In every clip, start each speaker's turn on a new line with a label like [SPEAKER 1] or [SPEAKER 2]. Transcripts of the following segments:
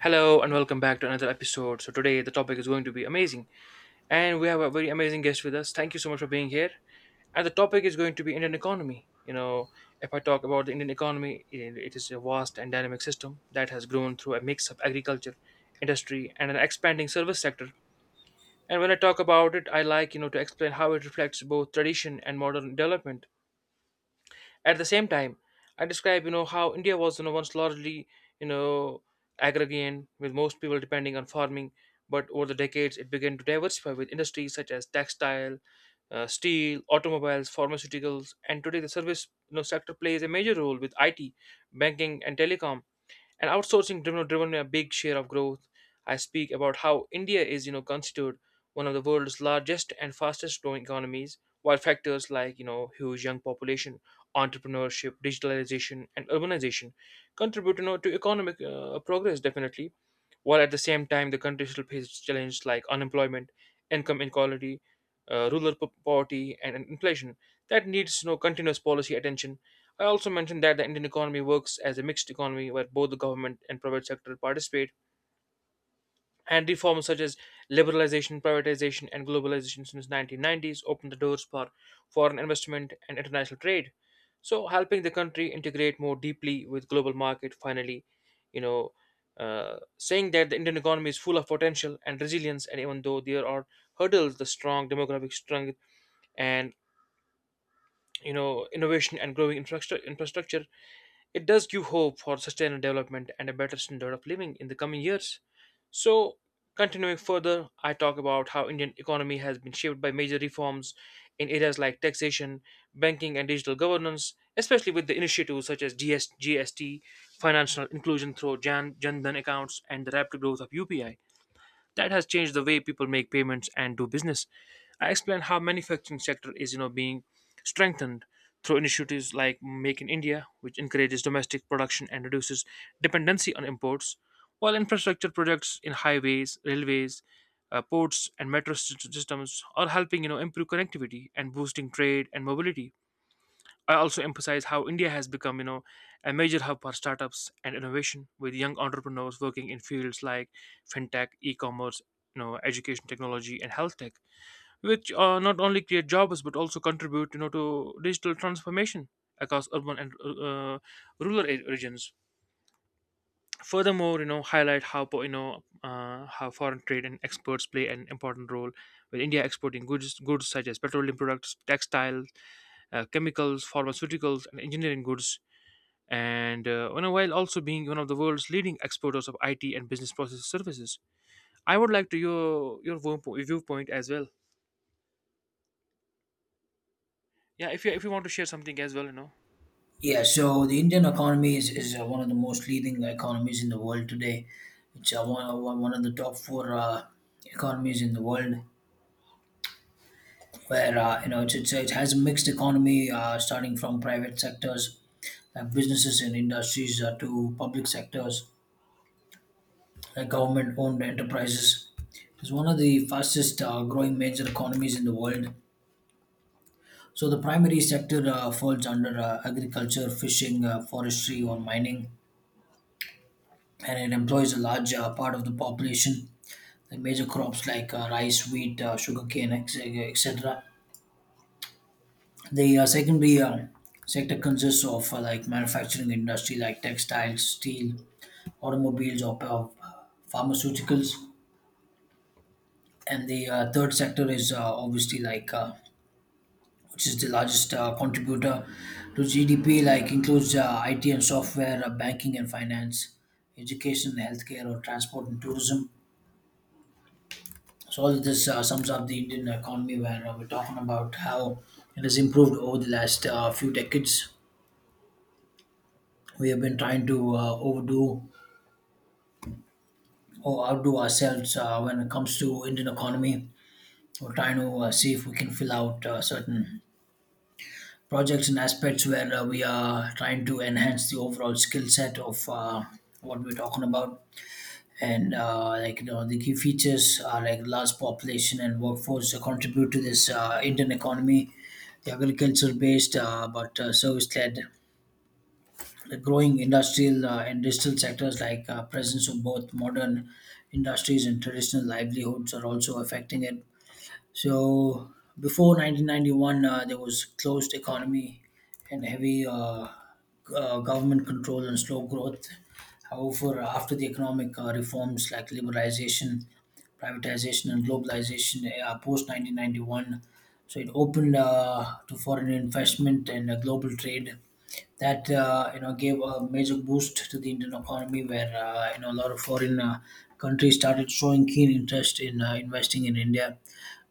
[SPEAKER 1] Hello and welcome back to another episode. So today the topic is going to be amazing, and we have a very amazing guest with us. Thank you so much for being here. And the topic is going to be Indian economy. If I talk about the Indian economy, it is a vast and dynamic system that has grown through a mix of agriculture, industry, and an expanding service sector. And when I talk about it, I to explain how it reflects both tradition and modern development at the same time, I describe how India was once largely you know agrarian, with most people depending on farming, but over the decades it began to diversify with industries such as textile, steel, automobiles, pharmaceuticals, and today the service sector plays a major role, with IT, banking, and telecom and outsourcing driven a big share of growth. I speak about how India is considered one of the world's largest and fastest growing economies, while factors like huge young population, entrepreneurship, digitalization, and urbanization contribute to economic progress, definitely, while at the same time the country still faces challenges like unemployment, income inequality, poverty, and inflation that needs continuous policy attention. I also mentioned that the Indian economy works as a mixed economy where both the government and private sector participate, and reforms such as liberalization, privatization, and globalization since 1990s opened the doors for foreign investment and international trade. So, helping the country integrate more deeply with global market. Finally, you know, saying that the Indian economy is full of potential and resilience, and even though there are hurdles, the strong demographic strength and innovation and growing infrastructure, it does give hope for sustained development and a better standard of living in the coming years. So, continuing further, I talk about how Indian economy has been shaped by major reforms in areas like taxation, banking, and digital governance, especially with the initiatives such as GST, financial inclusion through Jan Dhan accounts, and the rapid growth of UPI that has changed the way people make payments and do business. I explained how manufacturing sector is being strengthened through initiatives like Make in India, which encourages domestic production and reduces dependency on imports, while infrastructure projects in highways, railways, ports, and metro systems are helping improve connectivity and boosting trade and mobility. I also emphasize how India has become, a major hub for startups and innovation, with young entrepreneurs working in fields like fintech, e-commerce, education technology, and health tech, which not only create jobs but also contribute, to digital transformation across urban and uh, rural regions. Furthermore, highlight how how foreign trade and exports play an important role, with India exporting goods such as petroleum products, textiles, chemicals, pharmaceuticals, and engineering goods, and while also being one of the world's leading exporters of IT and business process services. I would like to viewpoint as well. Yeah, if you want to share something as well, you know.
[SPEAKER 2] Yeah, so the Indian economy is one of the most leading economies in the world today. It's one of the top four economies in the world, where it has a mixed economy, starting from private sectors like businesses and industries to public sectors like government-owned enterprises. It's one of the fastest growing major economies in the world. So the primary sector falls under agriculture, fishing, forestry, or mining, and it employs a large part of the population. The major crops like rice, wheat, sugarcane, etc. The secondary sector consists of like manufacturing industry like textiles, steel, automobiles, or pharmaceuticals. And the third sector is obviously like which is the largest contributor to GDP, like includes IT and software, banking and finance, education, healthcare, or transport and tourism. So all this sums up the Indian economy, where we're talking about how it has improved over the last few decades. We have been trying to overdo or outdo ourselves when it comes to Indian economy. We're trying to see if we can fill out certain projects and aspects where we are trying to enhance the overall skill set of what we're talking about and like you know the key features are like large population and workforce that contribute to this Indian economy. The agriculture based but service led, the growing industrial and digital sectors like presence of both modern industries and traditional livelihoods are also affecting it. So before 1991, there was closed economy and heavy government control and slow growth. However, after the economic reforms like liberalization, privatization, and globalization post 1991, so it opened to foreign investment and global trade. That you know gave a major boost to the Indian economy, where you know a lot of foreign countries started showing keen interest in investing in India,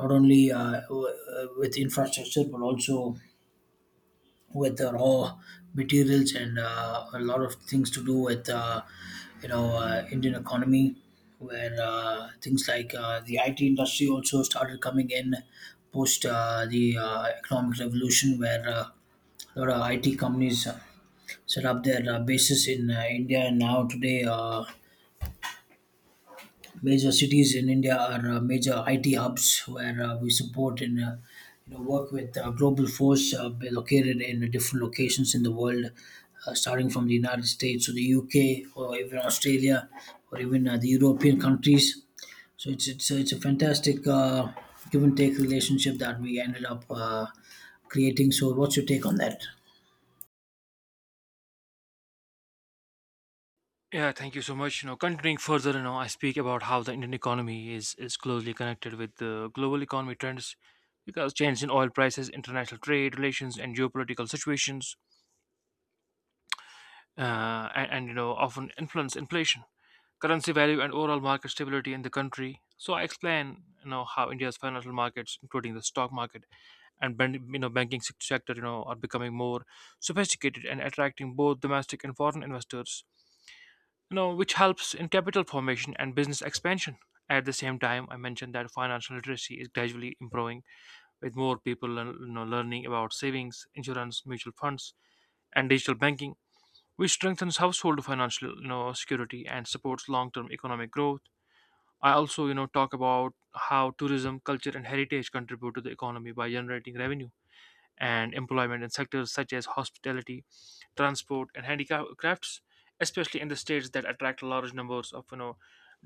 [SPEAKER 2] not only with infrastructure, but also with the raw materials and a lot of things to do with Indian economy, where things like the IT industry also started coming in post the economic revolution, where a lot of IT companies set up their bases in India. And now today major cities in India are major IT hubs, where we support and you know, work with global force be located in different locations in the world, starting from the United States or the UK or even Australia, or even the European countries. So it's a fantastic give and take relationship that we ended up creating. So what's your take on that?
[SPEAKER 1] Yeah, thank you so much. Continuing further, I speak about how the Indian economy is closely connected with the global economy trends, because changes in oil prices, international trade relations, and geopolitical situations and often influence inflation, currency value, and overall market stability in the country. So I explain how India's financial markets, including the stock market and banking sector, are becoming more sophisticated and attracting both domestic and foreign investors. Which helps in capital formation and business expansion. At the same time, I mentioned that financial literacy is gradually improving, with more people learning about savings, insurance, mutual funds, and digital banking, which strengthens household financial security and supports long-term economic growth. I also talk about how tourism, culture, and heritage contribute to the economy by generating revenue and employment in sectors such as hospitality, transport, and handicrafts, especially in the states that attract large numbers of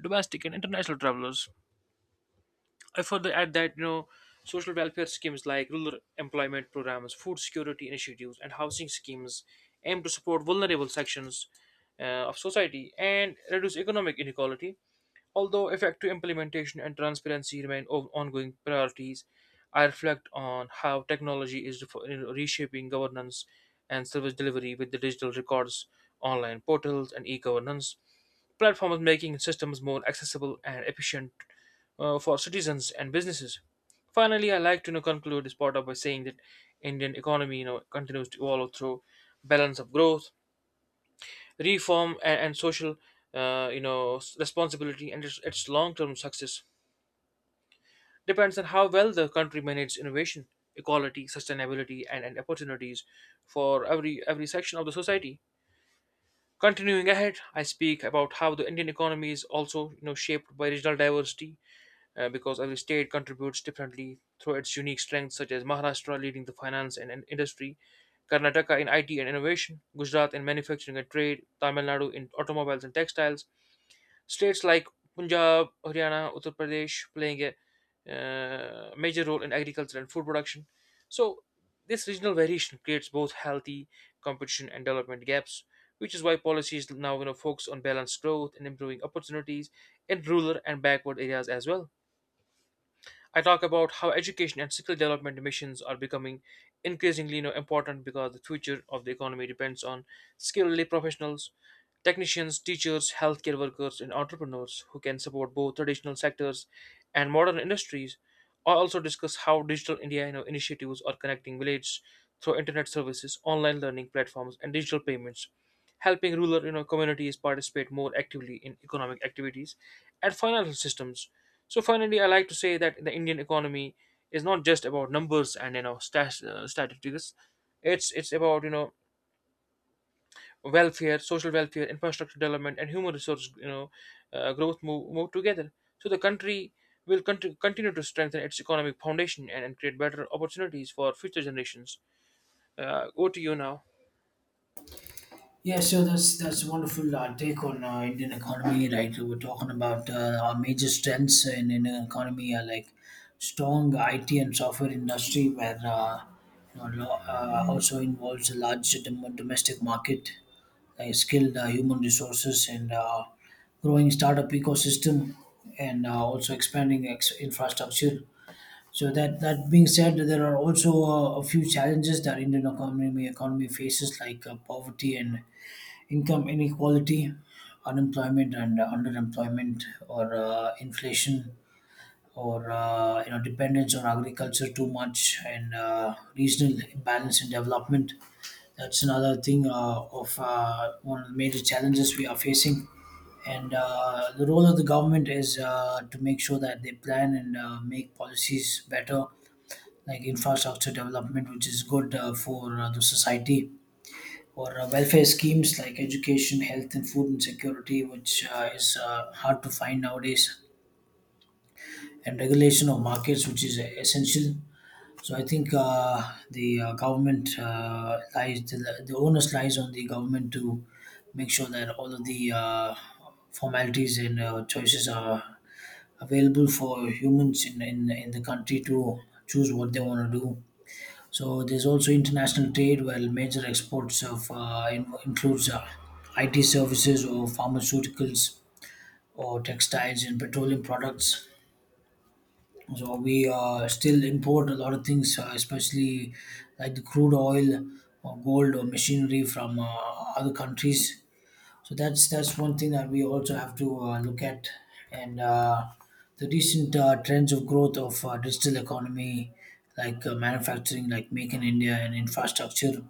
[SPEAKER 1] domestic and international travelers. I further add that social welfare schemes like rural employment programs, food security initiatives, and housing schemes aim to support vulnerable sections of society and reduce economic inequality. Although effective implementation and transparency remain ongoing priorities, I reflect on how technology is reshaping governance and service delivery, with the digital records, online portals, and e-governance platforms making systems more accessible and efficient for citizens and businesses. Finally, I like to conclude this part up by saying that Indian economy continues to evolve through balance of growth, reform, and social responsibility, and its long-term success depends on how well the country manages innovation, equality, sustainability, and opportunities for every section of the society. Continuing ahead, I speak about how the Indian economy is also shaped by regional diversity, because every state contributes differently through its unique strengths, such as Maharashtra leading the finance and industry, Karnataka in IT and innovation, Gujarat in manufacturing and trade, Tamil Nadu in automobiles and textiles. States like Punjab, Haryana, Uttar Pradesh playing a major role in agriculture and food production. So, this regional variation creates both healthy competition and development gaps, which is why policies now focus on balanced growth and improving opportunities in rural and backward areas as well. I talk about how education and skill development missions are becoming increasingly important, because the future of the economy depends on skilled professionals, technicians, teachers, healthcare workers, and entrepreneurs who can support both traditional sectors and modern industries. I also discuss how digital India initiatives are connecting villages through internet services, online learning platforms, and digital payments, helping rural communities participate more actively in economic activities and financial systems. So finally, I like to say that the Indian economy is not just about numbers and statistics. It's about welfare, social welfare, infrastructure development, and human resource, growth, move together. So the country will continue to strengthen its economic foundation and create better opportunities for future generations. Over to you now.
[SPEAKER 2] Yeah, so that's a wonderful take on Indian economy. Right, we're talking about our major strengths in Indian economy are like strong IT and software industry, where also involves a large domestic market, like skilled human resources, and growing startup ecosystem, and also expanding infrastructure. So that being said, there are also a few challenges that Indian economy faces, like poverty and income inequality, unemployment and underemployment, or inflation, or you know dependence on agriculture too much, and regional imbalance in development. That's another thing of one of the major challenges we are facing. And the role of the government is to make sure that they plan and make policies better, like infrastructure development, which is good for the society, for welfare schemes like education, health, and food insecurity, which is hard to find nowadays, and regulation of markets, which is essential. So I think the government lies, the onus lies on the government to make sure that all of the formalities and choices are available for humans in the country to choose what they want to do. So there's also international trade, while major exports of includes IT services or pharmaceuticals or textiles and petroleum products. So we still import a lot of things, especially like the crude oil or gold or machinery from other countries. So that's one thing that we also have to look at, and the recent trends of growth of digital economy, like manufacturing, like Make in India and infrastructure.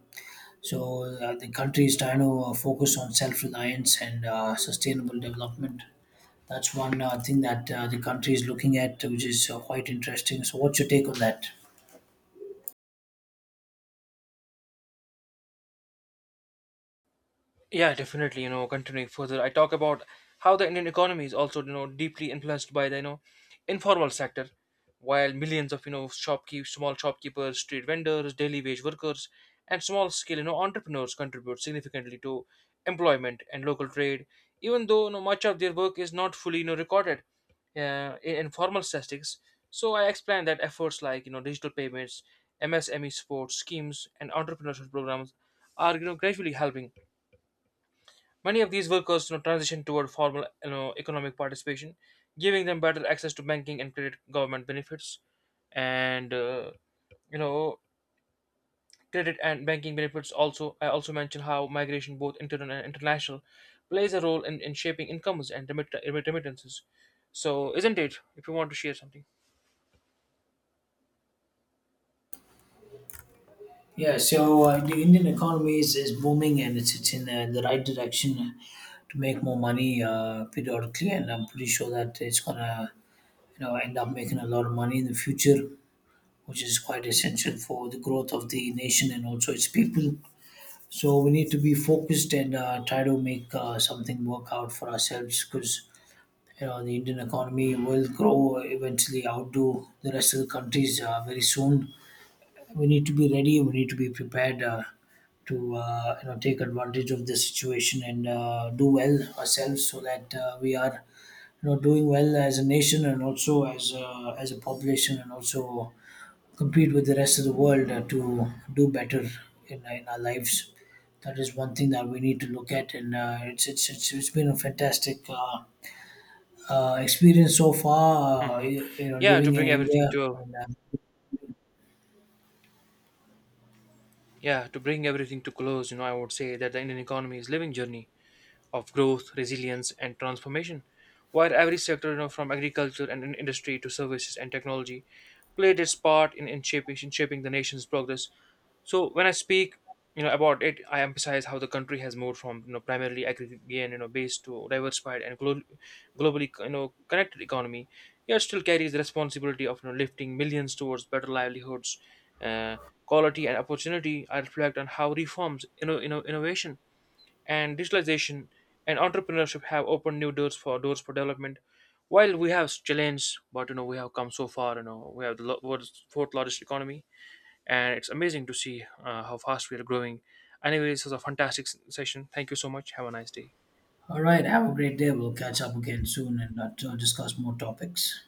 [SPEAKER 2] So the country is trying to focus on self-reliance and sustainable development. That's one thing that the country is looking at, which is quite interesting. So, what's your take on that?
[SPEAKER 1] Yeah, definitely. Continuing further, I talk about how the Indian economy is also, deeply influenced by the, informal sector, while millions of, small shopkeepers, street vendors, daily wage workers, and small scale, entrepreneurs contribute significantly to employment and local trade, even though, much of their work is not fully, recorded in informal statistics. So I explained that efforts like, digital payments, MSME support schemes, and entrepreneurship programs are, gradually helping many of these workers transition toward formal economic participation, giving them better access to banking and credit government benefits. And uh, you know, credit and banking benefits also. I also mentioned how migration, both internal and international, plays a role in shaping incomes and remittances. So, isn't it? If you want to share something.
[SPEAKER 2] Yeah, so the Indian economy is booming, and it's in the right direction to make more money periodically, and I'm pretty sure that it's gonna you know end up making a lot of money in the future, which is quite essential for the growth of the nation and also its people. So we need to be focused and try to make something work out for ourselves, because you know the Indian economy will grow, eventually outdo the rest of the countries very soon. We need to be ready. We need to be prepared to you know take advantage of this situation and do well ourselves, so that we are you know doing well as a nation and also as a population, and also compete with the rest of the world to do better in our lives. That is one thing that we need to look at, and it's been a fantastic experience so far. Uh,
[SPEAKER 1] Hmm.
[SPEAKER 2] you, you know,
[SPEAKER 1] Yeah, to
[SPEAKER 2] living in
[SPEAKER 1] bring
[SPEAKER 2] India. And
[SPEAKER 1] to bring everything to close, I would say that the Indian economy is living journey of growth, resilience, and transformation. While every sector, from agriculture and industry to services and technology, played its part in, in shaping the nation's progress. So when I speak, about it, I emphasize how the country has moved from primarily agrarian, based to diversified and globally, connected economy. Yet still carries the responsibility of lifting millions towards better livelihoods, uh, quality, and opportunity. I reflect on how reforms, innovation and digitalization and entrepreneurship have opened new doors for development. While we have challenges, but we have come so far. You know we have the world's fourth largest economy, and it's amazing to see how fast we are growing. Anyway, this was a fantastic session. Thank you so much. Have a nice day.
[SPEAKER 2] all right, have a great day. We'll catch up again soon and to discuss more topics.